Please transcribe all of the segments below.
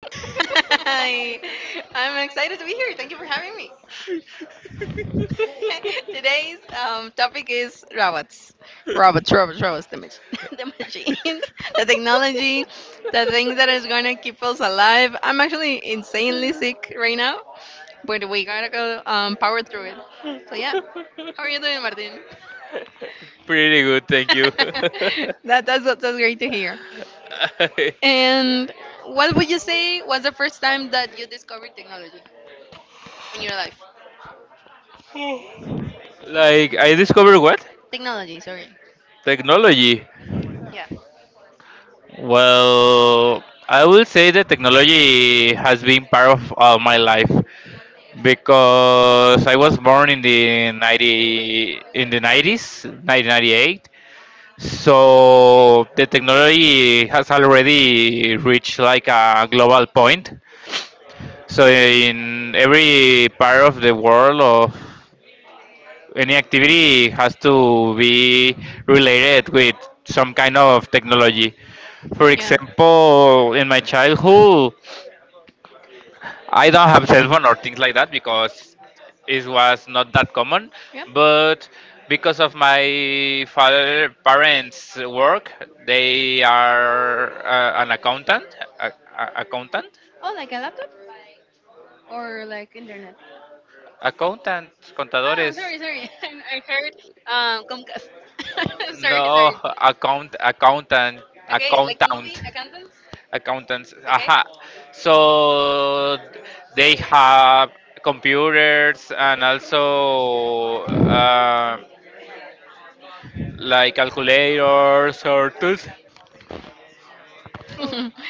Hi, I'm excited to be here. Thank you for having me. Today's topic is robots. Robots, robots, robots, the the machines, the technology, the thing that is going to keep us alive. I'm actually insanely sick right now, but we gotta go power through it. So, yeah, how are you doing, Martin? Pretty good, thank you. That's great to hear. And what would you say was the first time that you discovered technology in your life? Like I discovered what? Technology, sorry. Technology. Yeah. Well, I will say that technology has been part of my life, because I was born in the 90, in the 90s, 1998. So the technology has already reached like a global point. So in every part of the world, of any activity, has to be related with some kind of technology. For Yeah. example, in my childhood, I don't have cell phone or things like that because it was not that common. Yep. But because of my father parents' work, they are an accountant, a, accountant. Oh, like a laptop or like internet? Accountants, Oh, I'm contadores. sorry, sorry. I heard Comcast. Sorry, No, sorry. sorry. Accountant. Okay, Okay, like the accountant, movie Accountants. accountants. Okay. Aha. So they have computers and also like calculators or tools,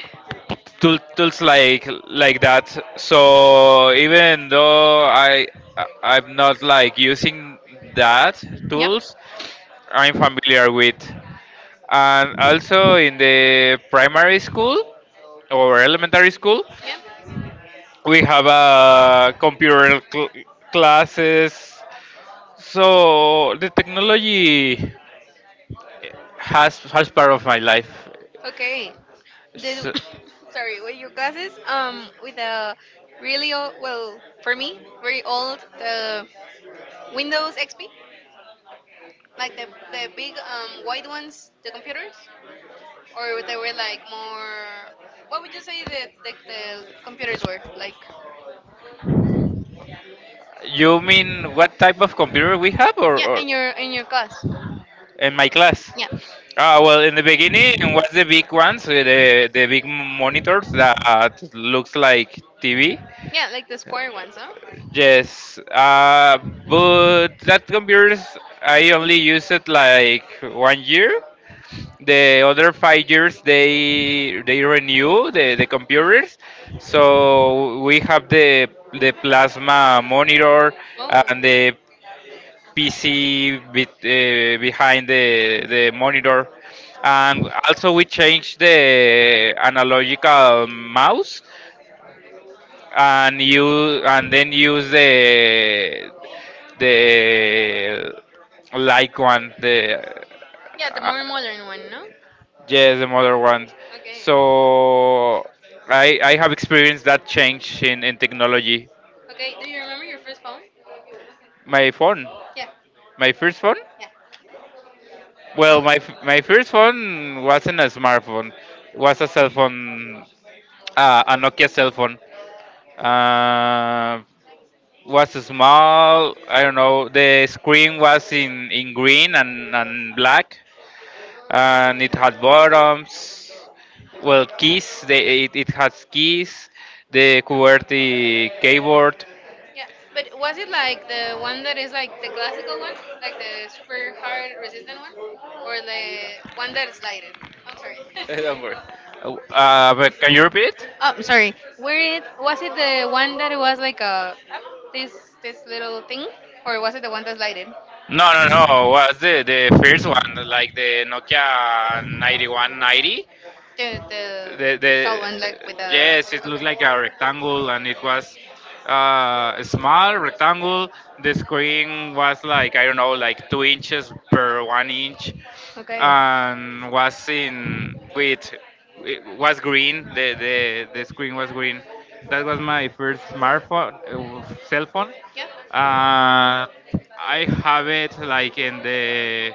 tools like that. So even though I- I'm not like using that Yep. tools, I'm Yep. familiar with. And also in the primary school or elementary school, we have a computer classes. So the technology has part of my life. Okay. The So, sorry, were your glasses, with a really old, well, for me, very old, the Windows XP, like the big white ones, the computers, or they were like more? What would you say that the computers were like? you mean what type of computer we have, Yeah, or in your class? in my class? Yeah Ah, well, in the beginning, what's the big ones? The big monitors that looks like TV. yeah, like the square ones, huh? Yes, but that computers I only use it like 1 year. The other 5 years they renew the computers, so we have the plasma monitor and Oh, the PC bit, behind the monitor, and also we changed the analogical mouse and you and then use the like one the yeah, the uh, more modern one, no? yes, the modern one. Okay. So I have experienced that change in technology. Okay. Do you remember your first phone? my phone Yeah. my first phone, Yeah. well, Well, my first phone wasn't a smartphone. It was a cell phone, a Nokia cell phone. Uh, was small. I don't know. The screen was in green and black, and it had buttons. Well, keys. It has keys. The QWERTY keyboard. yeah. But was it like the one that is like the classical one, like the super hard resistant one, or the one that is lighted? I'm sorry. Don't worry. But can you repeat? Oh, I'm sorry. Where it was it the one that it was like a this this little thing, or was it the one that's lighted? No, no, no. Was the first one like the Nokia 9190? The tall one, like with a Yes, it looked okay. like a rectangle and it was, a small rectangle. The screen was, like, I don't know, like 2 inches per 1 inch, Okay. and was in with it was green. The screen was green. That was my first smartphone cell phone. Yep. Yeah. I have it like in the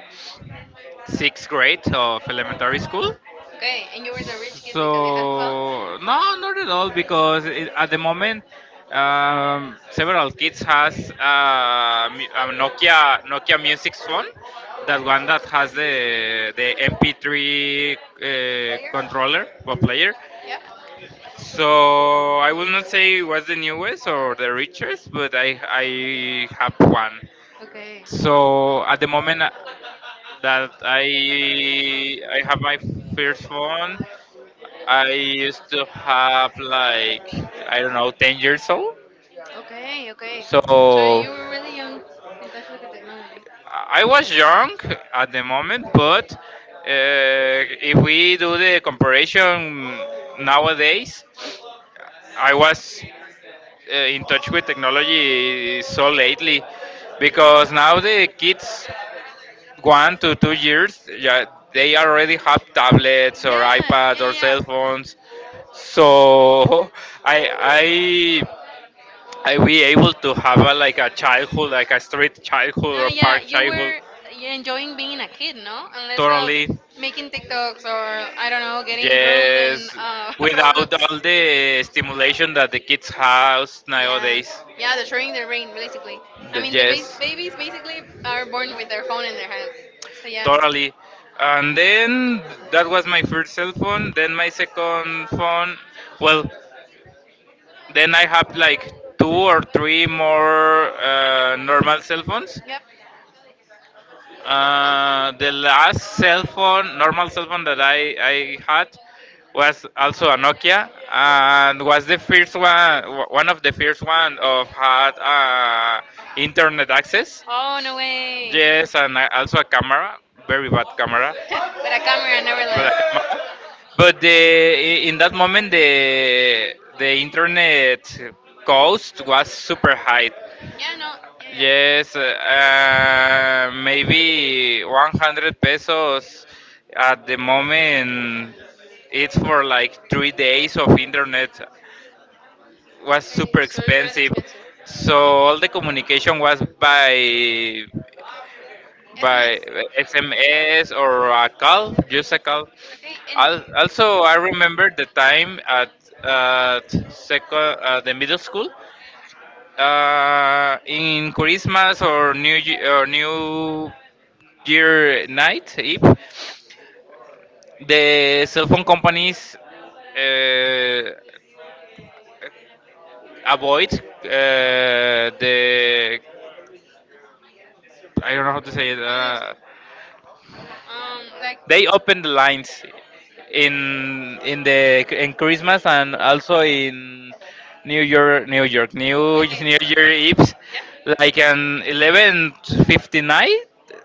sixth grade of elementary school. Okay. And you were the rich kid because you had a phone? So no, not at Player? all, because, it, at the moment, several kids has a Nokia Music phone, that one that has the MP3, Player? Controller or player. Yeah. So I will not say it was the newest or the richest, but I have one. Okay. So at the moment that I have my first phone, I used to have like, I don't know, 10 years old. Okay, okay. So So you were really young in touch with the technology. I was young at the moment, but if we do the comparison nowadays, I was, in touch with technology so lately, because now the kids, 1 to 2 years, yeah, they already have tablets Yeah, or iPads yeah, or yeah, cell yeah. phones. So I I I we able to have a, like a childhood, like a street childhood No, or yeah, park you childhood, were, yeah, enjoying being a kid, no? Unless of totally. making TikToks or I don't know, getting groomed in Yes, without Roblox. all the stimulation that the kids have Yeah, nowadays. yeah, destroying their brain basically. I mean, the Yes, babies basically are born with their phone in their hands. So yeah. totally. And then that was my first cell phone. Then my second phone, well, then I have like two or three more normal cell phones. Yep. The last cell phone, normal cell phone that I had was also a Nokia, and was the first one, one of the first one of had internet access. Oh no way. With Yes, and, also a camera, very bad camera, a camera, but a camera. nevertheless. But in that moment the internet cost was super high. Yeah, no, yeah, Yes, maybe 100 pesos at the moment. It's for like 3 days of internet. yeah. Was Okay, super so it's really expensive, expensive. so all the communication was SMS? by SMS or a call, just a call. Okay, and Also, I remember the time at second, the middle school. In Christmas or New Year night Eve, yep. the cell phone companies uh, avoid the, I don't know how to say it. How do you say? Like, They open the lines in Christmas, and also in New York, New York, New New Year Eve, yep. like an 11:59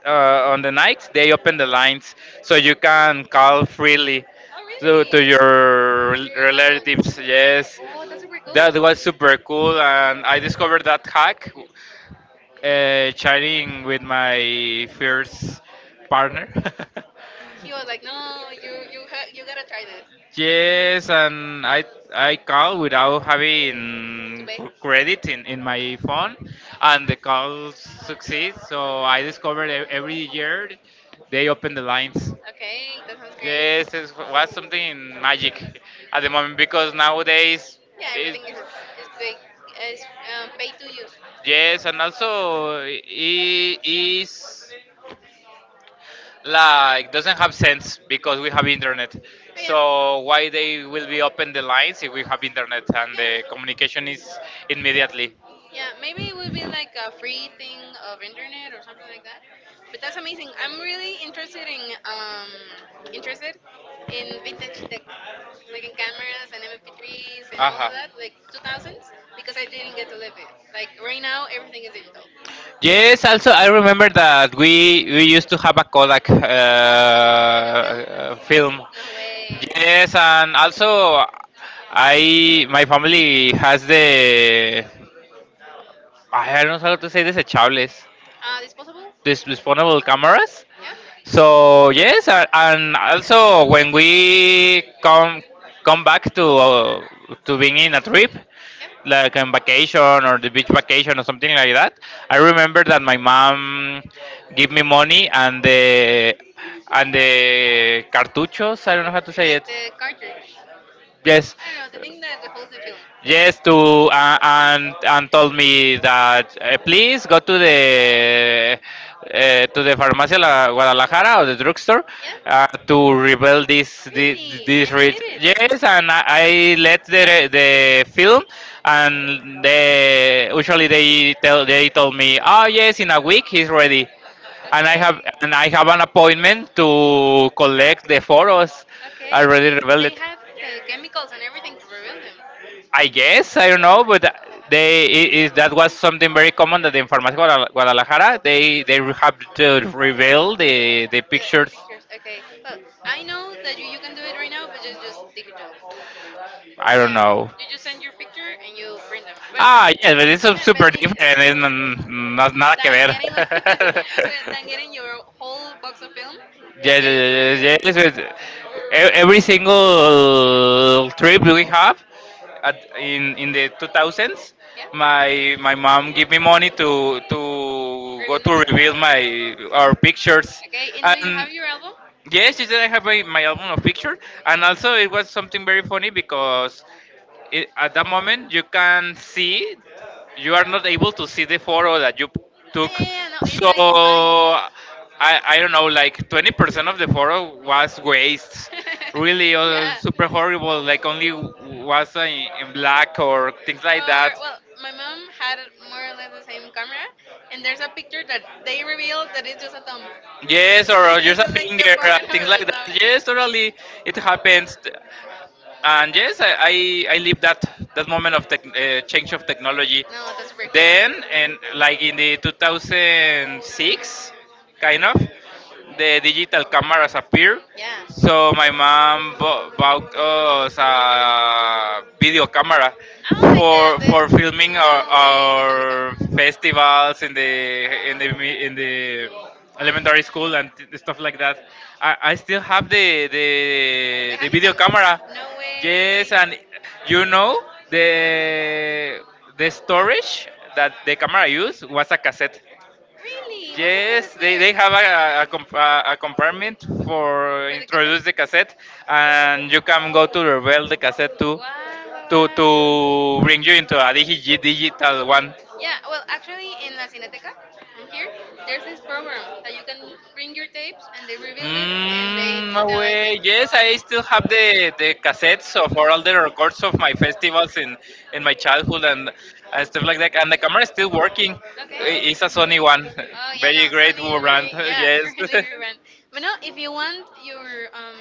on the night. They open the lines so you can call freely, Oh to really? your You're relatives. Yes, like, oh, that's super cool. that was super cool, and I discovered that hack, chatting with my first partner. He was like, no, you you you gotta try this Yes, and I call without to having, pay. Credit in my phone, and the call succeeds. So I discovered, every year they open the lines. Okay, that sounds great. Yes, it was something magic at the moment, because nowadays, Yeah, it, everything is like is pay to use. yes, and also it is like doesn't have sense, because we have internet, Oh so why they will be open the lines if we have internet and yeah. Yeah. the communication is immediately. Yeah, maybe it would be like a free thing of internet or something like that. But that's amazing. I'm really interested in interested vintage tech, like in cameras and MP3s and all Aha. of that, like 2000s, because I didn't get to live it. Like right now, everything is digital. Yes, also I remember that we used to have a Kodak, With a film? Film. No way. Yes, and also, I my family has the, I don't know how to say, desechables, Disposable? this disposable cameras. Yeah. So yes, and also when we come back to, to being in a trip, Yep. like on vacation or the beach vacation or something like that, I remember that my mom give me money and the cartuchos, I don't know how to say it. Like the cartridge. Yes, I don't know the thing that holds the film. yes, to and told me that, please go to the farmacia La Guadalajara, or the drugstore, Yeah? to reveal Really? this And they read. did it. Yes, and I let the film, and they usually they told me, oh yes, in a week he's ready, and Okay. I have an appointment to collect the photos. I Okay. I already mean, revealed they it. had the chemicals and everything to reveal them. I guess I don't know, but they I- is that was something very common that in Farmacia Guadalajara they, have to reveal the The pictures. pictures. Okay. Well, I know that you can do it right now, but just digital. I don't Yeah. know. You just send your picture and you print them. Well, Ah, type yes, but it. it's so super But different. It's digital. Not nada que Than ver. getting like so than getting your whole box of film and Yes, getting to yes, reveal yes, yes. Yes. Yes. Every single trip it. we have, at, in the 2000s, Yeah, my mom give me money, to go reveal the to reveal picture. my our pictures, Okay, and do you and have your album? Yes, yes, I have my album of pictures, and also it was something very funny, because, at that moment, Yeah, you are not able to see the photo that you yeah, took. yeah, no, it's So like mine. I don't know, like 20% of the photo was waste, really, yeah. super horrible. Like, only was in black or things like Or that. well, my mom had more or less the same camera, and there's a picture that they revealed that it's just a thumb. Yes, or It's just a just like the finger, part of things like the that. song? Yes, totally, it happens. And yes, I live that moment of change of technology. No, that's super Then, cool. and like in the 2006, kind of, the digital cameras appear. Yeah. So my mom bought us a video camera I don't like for the filming our, no way the handicap. Festivals in the elementary school, and stuff like that. I still have The the video handicap? camera. No Yes, way. and you know, the the storage that the camera used was a cassette. Really? What's a Yes, cassette player? they have a compartment for For the introduce cassette? the cassette, and you can go to reveal the cassette Wow, wow, to wow. bring you into a digital one. Yeah, well, actually, in La Cineteca, from here, there's this program that you can bring your tapes and they rebuild it and they Mm, no digitalize it. way. Yes, I still have the cassettes of all the records of my festivals in my childhood, and stuff like that. And the camera is still working. Okay. It's a Sony one. Oh yeah, no, Very great Sony is brand. very, yeah, Yes. really good one. But no, if you want your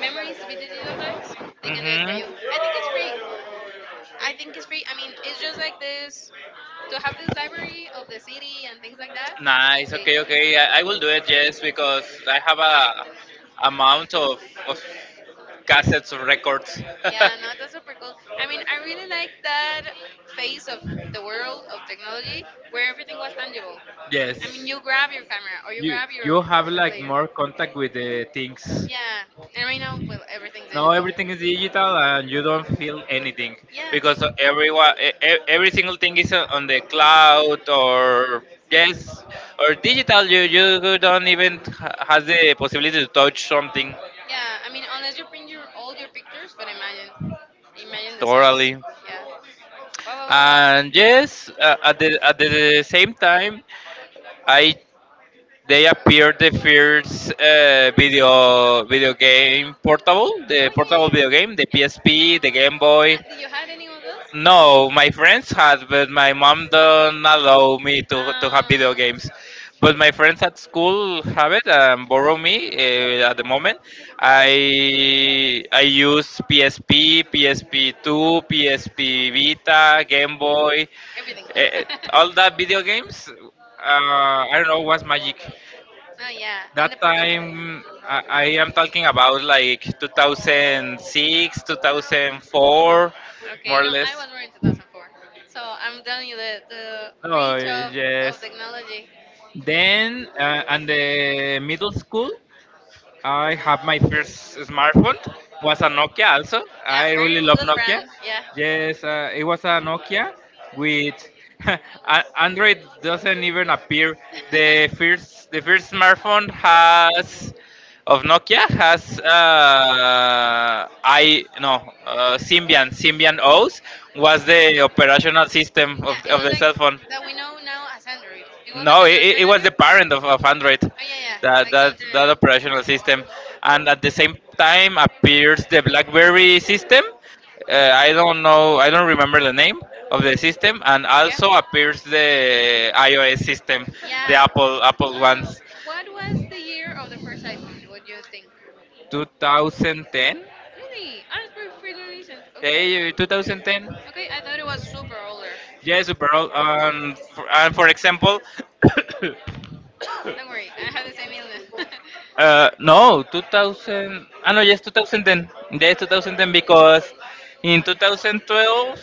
memories to be digitalized, they can do it for you. Hmm. I think it's free. I think it's free. I mean, it's just like this to have this library of the city and things like that. Nice. They, Okay. they have Okay. it. I will do it. Yes, because I have a amount of cassettes of records. Yeah, no, that's super cool. I mean, I really like that phase of the world of technology where everything was tangible. I Yes. mean, you grab your camera or you you grab you your have MP3 like player. more contact with the things. Yeah, and right now, well, everything's Now digital. everything is digital and you don't feel anything, Yeah, because everyone, every single thing is on the cloud, or, yes, or digital. You don't even has the possibility to touch something, yeah. I mean, unless you print your all your pictures, but imagine, imagine the size. totally. Yeah. Wow, wow, wow, wow. And yes, at the same time, I they appeared the first, video game portable, the Oh portable yeah, yeah, video yeah. game, the PSP, the Game Ah, Boy. did you had any of those? No, my friends had, but my mom don't allow me to Um, have video games. But my friends at school have it and borrow me at the moment. I use PSP, PSP two, PSP Vita, Game Boy, everything. uh, all that video games. I don't know what's magic. Oh yeah, and the That portability. time, I am talking about like 2006, 2004, more Okay, or no, I less. was born in 2004, so I'm telling you the Oh, reach of yes. technology. Then, and the middle school, I have my first smartphone. Was a Nokia also. Yeah, I very really love good Nokia. brand. Yeah. Yes, it was a Nokia with Android doesn't even appear. The first, the first smartphone has of Nokia has I no Symbian OS was the operational system Yeah, of, it of was the like cell phone. that we know now as Android. It was like No, an it was the alternative. parent of Android, Oh yeah, yeah, that, like the that that alternative. operational system, and at the same time appears the BlackBerry system. I don't know, I don't remember the name of the system, and Yeah, also appears the iOS system, the yeah. Apple Uh, ones, what was the year of the first iPhone? What do you think? 2010. Really? I was pretty, pretty recent. Okay, Hey, 2010. okay. I thought it was super older. Yes, bro. For example, Don't worry, I have the same illness. No, 2000. Ah, no, yes, 2010. Yes, 2010 because in 2012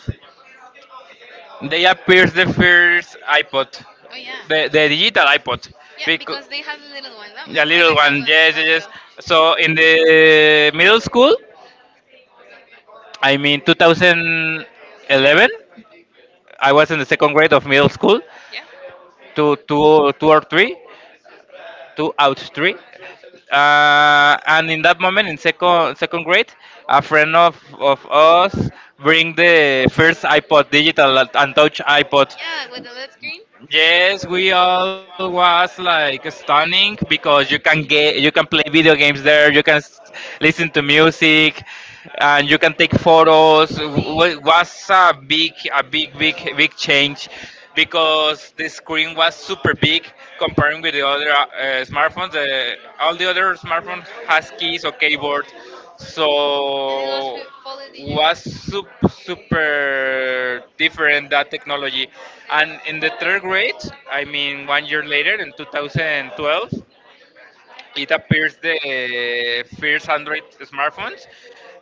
they appeared the first iPod, Oh yeah. the digital iPod, Yeah, because because they have a little one. No? My a little brother has one. one, Yes, one yes, yes. little. So in the middle school, I mean 2011, I was in the second grade of middle school, Yeah. two, two, two or three, two out three. And in that moment in second grade, a friend of us bring the first iPod digital and touch iPod. Yeah, with the LED screen. Yes, we all was like stunning because you can play video games there, you can listen to music, and you can take photos. Really? Was a big, big, big change because the screen was super big comparing with the other smartphones. All the other smartphone has keys or keyboards, and it was so wi- fully digital. was super different that technology, and in the third grade, I mean one year later, in 2012 it appears the first Android smartphones.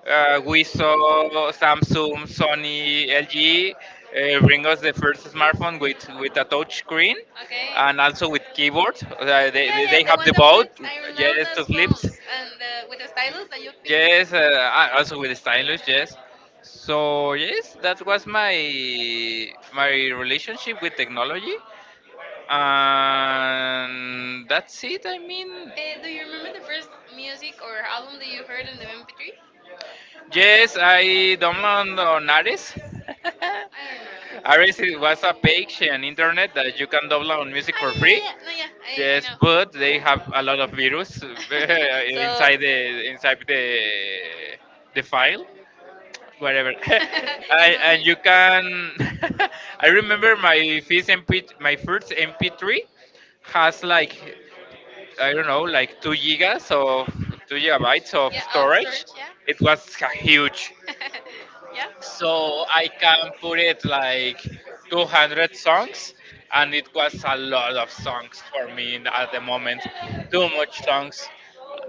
We saw Samsung, Sony, LG bring us the first smartphone with a touch screen, Okay. Okay. and also with keyboard. Uh, they, Yeah, they yeah, they the have one the that both. flips. I love Yes, to those flips. phones and the, with the stylus that you pick. Yes, also with stylus, yes. So yes, that was my relationship with technology, and that's it. I mean, Eh, do you remember the first music or album that you heard in the MP3? yes, I downloaded on Ares. I don't know. Ares, it was a page on internet that you can download music Ah, for yeah, yeah, free. yeah, yeah. No, yeah, I Yes, know. but they have a lot of virus So. inside the file. Whatever, and you can, I It's remember alright. My first MP3 has like, I don't know, like 2 gigas of 2 gigabytes of Yeah, of storage, storage. It was huge, yeah. Yeah. Okay. so I can put it like 200 songs, and it was a lot of songs for me at the moment. Too much songs.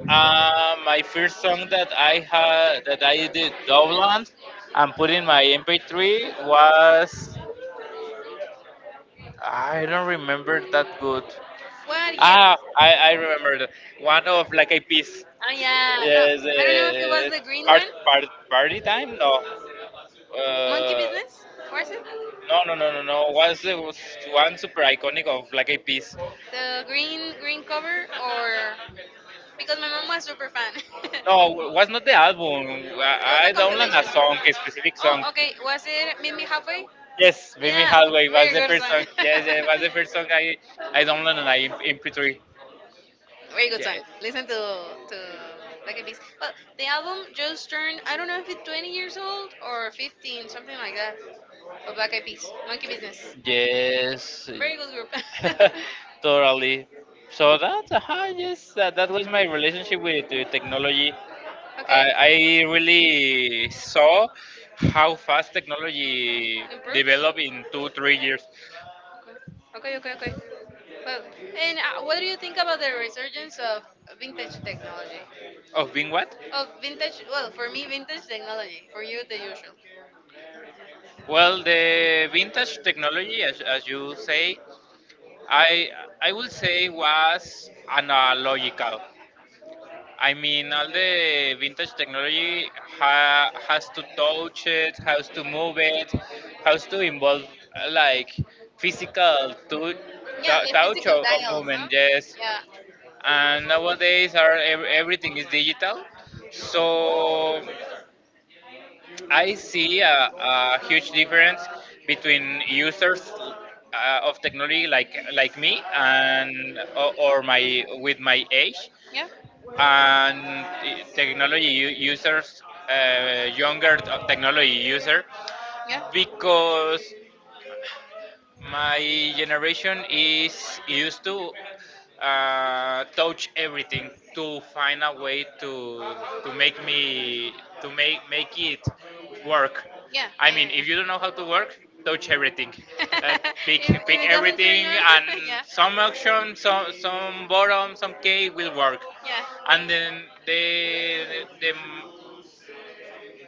My first song that I had, that I did Dubland and put in my MP3, was, I don't remember that good. What year? Ah, I remember that. One of like a piece. Oh yeah, no. Yes, I don't know if it was the green one. Party time? No. Monkey Uh, Business? Was it? no, no, no, no, no. Was one super iconic of like a piece? The green green cover, or because my mom was super fan. It No, was not the album. I, was a I downloaded a compilation. song, a specific Oh, song. okay. Was it Meet Me Halfway? Yes, Vimy Yeah, Halway was very the good first song. song. Yes, it was the first song I downloaded and MP3. Very good song. Yes. Listen to like a beast. Well, the album just turned. I don't know if it's 20 years old or 15, something like that. Of Black Eyed Peas, Monkey Business. Yes. Very good group. Totally. So that's, yes, that was my relationship with technology. I, Okay. I really saw how fast technology Improves? developed in two, 3 years. Okay, okay, okay, okay. Well, and what do you think about the resurgence of vintage technology? Of being what? Of vintage, well, for me, vintage technology. For you, the usual. Well, the vintage technology, as you say, I I would say was analogical. I I mean, mean, all the because vintage technology technology ha, has has to to touch touch it, it, has has to to move move it, it, has has to to involve involve physical. like physical Yeah, the touch physical of dials, huh? movement, yes. Yes. Yeah, and And nowadays nowadays, everything everything is digital. is digital. So So I I see see a, a a huge huge difference difference between between users users of of technology technology like like me me, and and or, or or my my, with with my my age, age. Yeah, and and technology technology users users, younger younger technology technology user, users. Yeah, because because my my generation generation is is used used to to touch touch everything everything to to find find a a way way to to make make me me to to make make make make it it work. work. Yeah, I I mean, mean, yeah, if if you you don't don't know know how how to to work, work, touch touch everything. everything, Yeah. Like uh, make pick if pick it doesn't turn everything, everything and on, and yeah, some some action, options, some some some bottom, some K will work. yeah. Yeah. And then the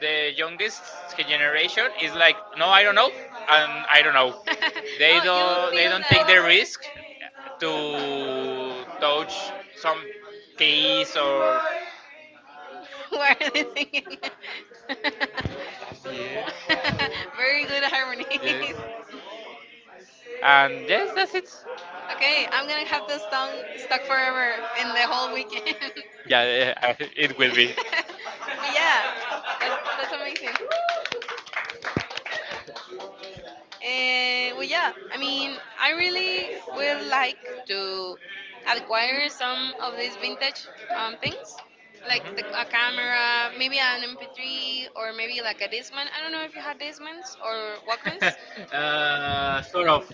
the youngest generation is like, no, I don't know, and I don't know. They Oh, you don't they feel don't that. take the risk to touch some keys, or, Why are they singing? yeah, Very good harmonies. yes, and yes, that's it. Okay, I'm gonna have this song stuck forever in the whole weekend. Yeah, yeah, it will be. But yeah, that's amazing. And well, yeah, I mean, I really would like to acquire some of these vintage things, like the, a Mhm. camera, maybe an MP3, or maybe like a Discman. I don't know if you had Discmans or Walkmans. Sort of.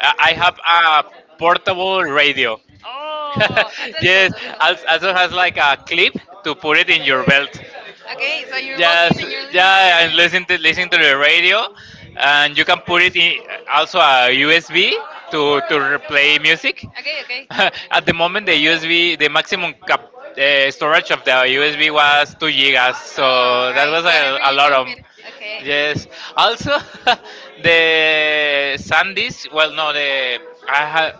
I have a portable Radio. radio. Oh, that's cool. Yes, Yes, that's cool. I also don't has have like like a a clip clip to to put put it it in in your your belt. music. Okay, so you're, yeah, walking Yes, and you're listening to, yeah, yeah, your, yeah, and you music. listen to Li- listen listen to to the the radio, radio, and and you you can can put put it it in in also also a a USB USB to to play play music. music. Okay, okay. At At the the moment, moment, the the USB, USB the maximum maximum you cap, storage of the USB was 2 gigas, oh, so that right. was a, Whatever a you lot can of. fit. Okay. Yes. Also, the SanDisk. Well, no, I ha,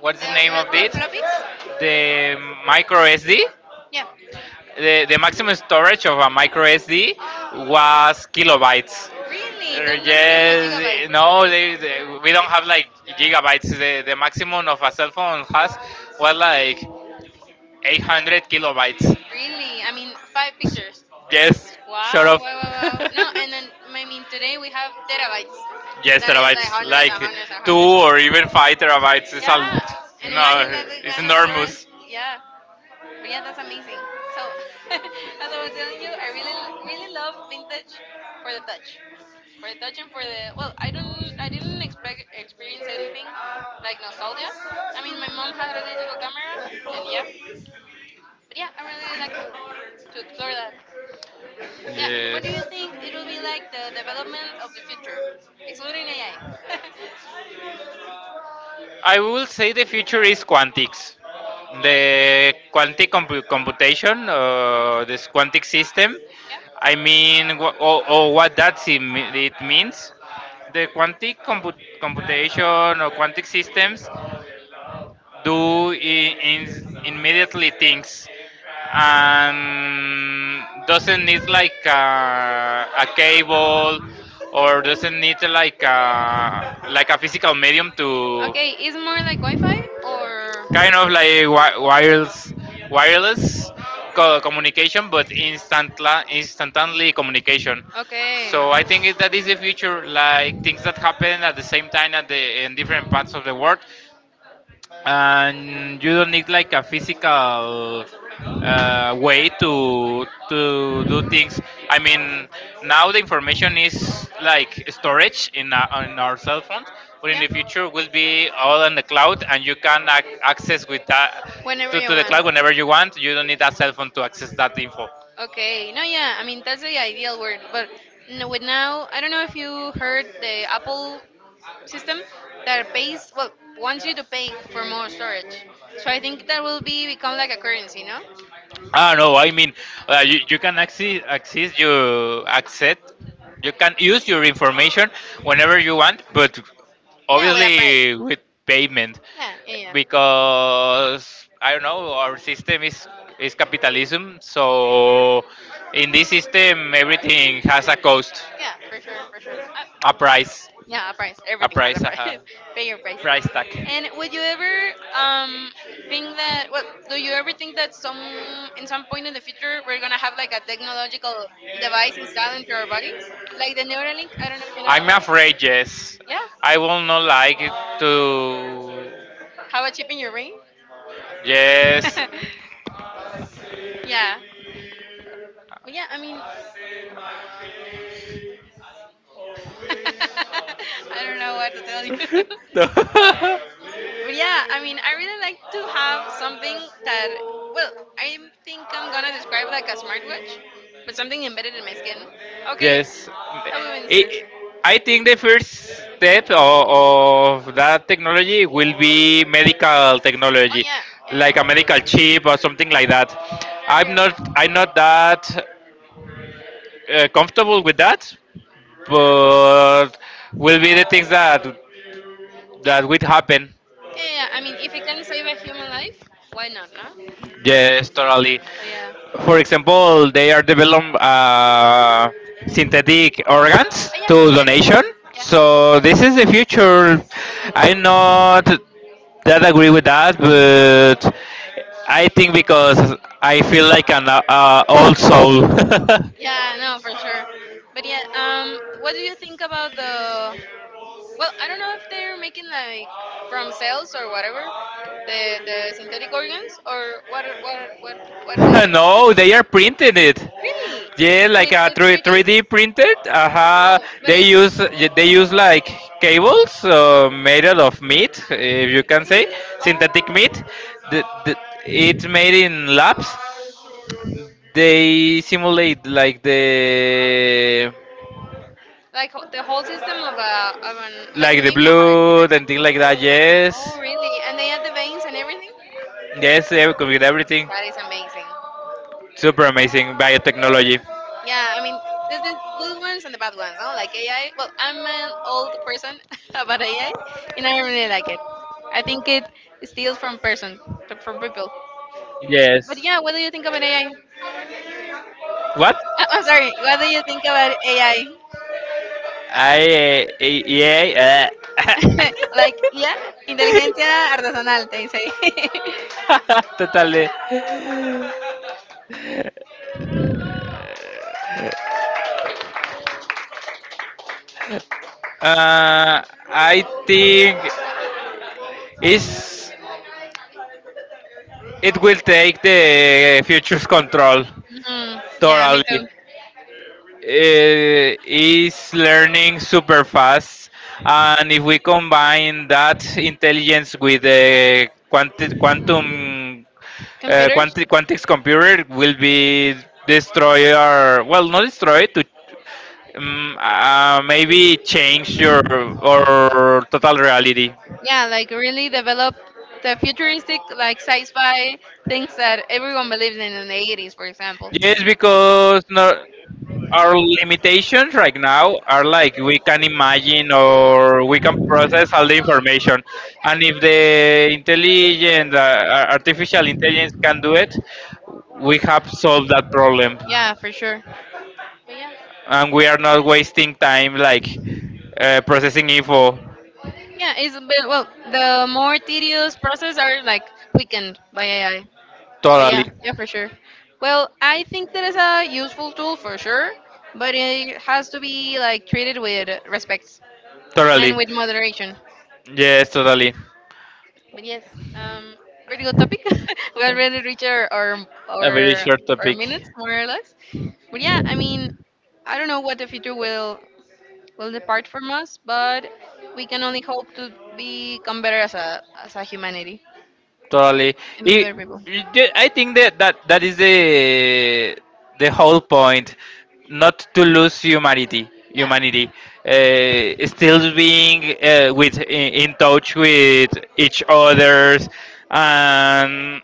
what's The the name of lo- the it? floppies? The micro SD, the maximum storage of a micro SD Yeah. was kilobytes. Really? No, not even a gigabyte. Yes, no, we don't have like gigabytes. The maximum of a cell phone has was like 800 kilobytes. Really? I mean, five pictures. Yes, sort Wow, wow, of. wow, wow. No, and then, I mean, today we have terabytes. Yes, That is like terabytes. hundreds and Like hundreds and two hundreds. or even 5 terabytes. It's a, Yeah, and imagine no, that the it's kind of storage. enormous. Yeah. But yeah, that's amazing. So, as I was telling you, I really, really love vintage for the touch, for the touch and for the, well, I don't, I didn't expect experience anything like nostalgia. I mean, my mom had a digital camera, and yeah, but yeah, I really like to explore that. Yeah, what do you think it will be like the development of the future, excluding AI? I will say the future is quantics. The quantic computation, this quantic system. I Yeah. mean, or what that it means. The quantic computation or quantic systems do immediately things, and doesn't need like a cable, or doesn't need like a physical medium to, Okay, is more like Wi-Fi or? kind of like, wireless communication, but instantly communication. Okay. So I think that is the future, like things that happen at the same time at the in different parts of the world, and you don't need like a physical way to do things. I mean, now the information is like storage on our cell phones, but in Yeah. the future will be all in the cloud, and you can access with that Whenever to, you to the want. cloud whenever you want. You don't need a cell phone to access that info. Okay, no, yeah, I mean that's the ideal word, but no, with now, I don't know if you heard the Apple system that pays well wants you to pay for more storage. So I think that will be become like a currency, no? Ah, no, I mean, you can access, access your accept, you can use your information whenever you want, but Yeah, with a price. obviously with payment, Yeah, yeah, because I don't know, our system yeah. is capitalism, so in this system everything has a cost, Yeah, for sure, for sure. I, a a price, yeah, a price. a Everything has a price, price. uh, Pay your price. price tag. And would you ever um think that? Well, do you ever think that some in some point in the future we're gonna have like a technological device installed into our bodies, like the Neuralink? I don't know if you know that I'm one. afraid, yes. Yeah, I will not like it to. have a chip in your brain. Yes. Yeah, but yeah. I mean, I don't know what to tell you. But yeah, I mean, I really like to have something that, well, No. I think I'm gonna describe like a smartwatch, but something embedded in my skin. Okay, Yes, that would be I interesting. I think the first step of that technology will Oh be medical technology, yeah, like a yeah, medical yeah. chip or something like that. Yeah, I'm not yeah, I'm not that comfortable with that, but will be the things that yeah, that would happen. yeah. I mean, if it can save a human life, why not, no? Yes, totally. So yeah. For example, they are developing synthetic organs Oh, yes, to donation. yeah, yeah, So this is the future. I'm not that agree with that, but I think because I feel like an old soul. yeah. Yeah, no, for sure. But yeah, what do you think about the, Well, I, well, I don't know if they're making like from cells or whatever the synthetic organs or what they no, they are printing it. really Yeah, like a with three 3D. D printed. Uh-huh. Oh, but They it's use they use like cables made out of meat, if you can say synthetic meat. oh The, the, it's made in labs. They simulate like the like ho- the whole system of a of an like Like the maybe a heart. blood, and things like that, yes. Oh, really? And they add the veins and everything. Yes, yeah, we could get everything. That is amazing. Super amazing biotechnology. Yeah, I mean, there's the good ones and the bad ones, no? Like AI. Well, I'm an old person about AI, and I don't really like it. I think it steals from person, from people. But Yes. yeah, what do you think about AI? What? I- am sorry, what do you think about AI? Yeah. Like, yeah, inteligencia artesanal, they say. Totally. Uh, I think is it will take the future's control Mm, yeah, me totally. too. Is learning super fast, and if we combine that intelligence with the quantum, Computers. Quantics computer, will be destroy, or well, not destroy to, maybe change your or total reality. Yeah, like really develop the futuristic like sci-fi things that everyone believes in the 80s, for example. Yes, because our limitations right now are like we can imagine or we can process all the information, and if the intelligent artificial intelligence can do it, we have solved that problem, Yeah, for sure. But yeah. and we are not wasting time like processing info. Yeah, it's a bit well. The more tedious process are like quickened by AI. So yeah, Totally, yeah, for sure. Well, I think that is a useful tool for sure, but it has to be like treated with respect and totally. with moderation. Yes, totally. But yes, um, pretty good topic. We already reached our our, A very our short our topic. minutes more or less. But yeah, I mean, I don't know what the future will depart from us, but we can only hope to become better as a humanity Totally. and I be you better people. I think that is the whole point, not to lose humanity. Yeah, Humanity, still being with in touch with each others, and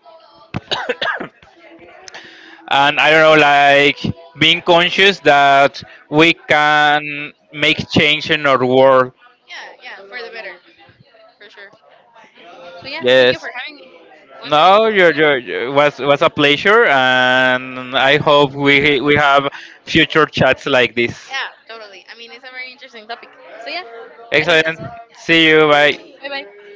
I don't know, like being conscious that we can make change in our world. yeah, yeah, for the better, for sure. So yeah, thank Yes. you for having me. Once again, No, you was a pleasure, and I hope we have future chats like this. yeah, totally. I mean, it's a very interesting topic. So yeah, I think Excellent. that's it. See you. Bye. Bye bye.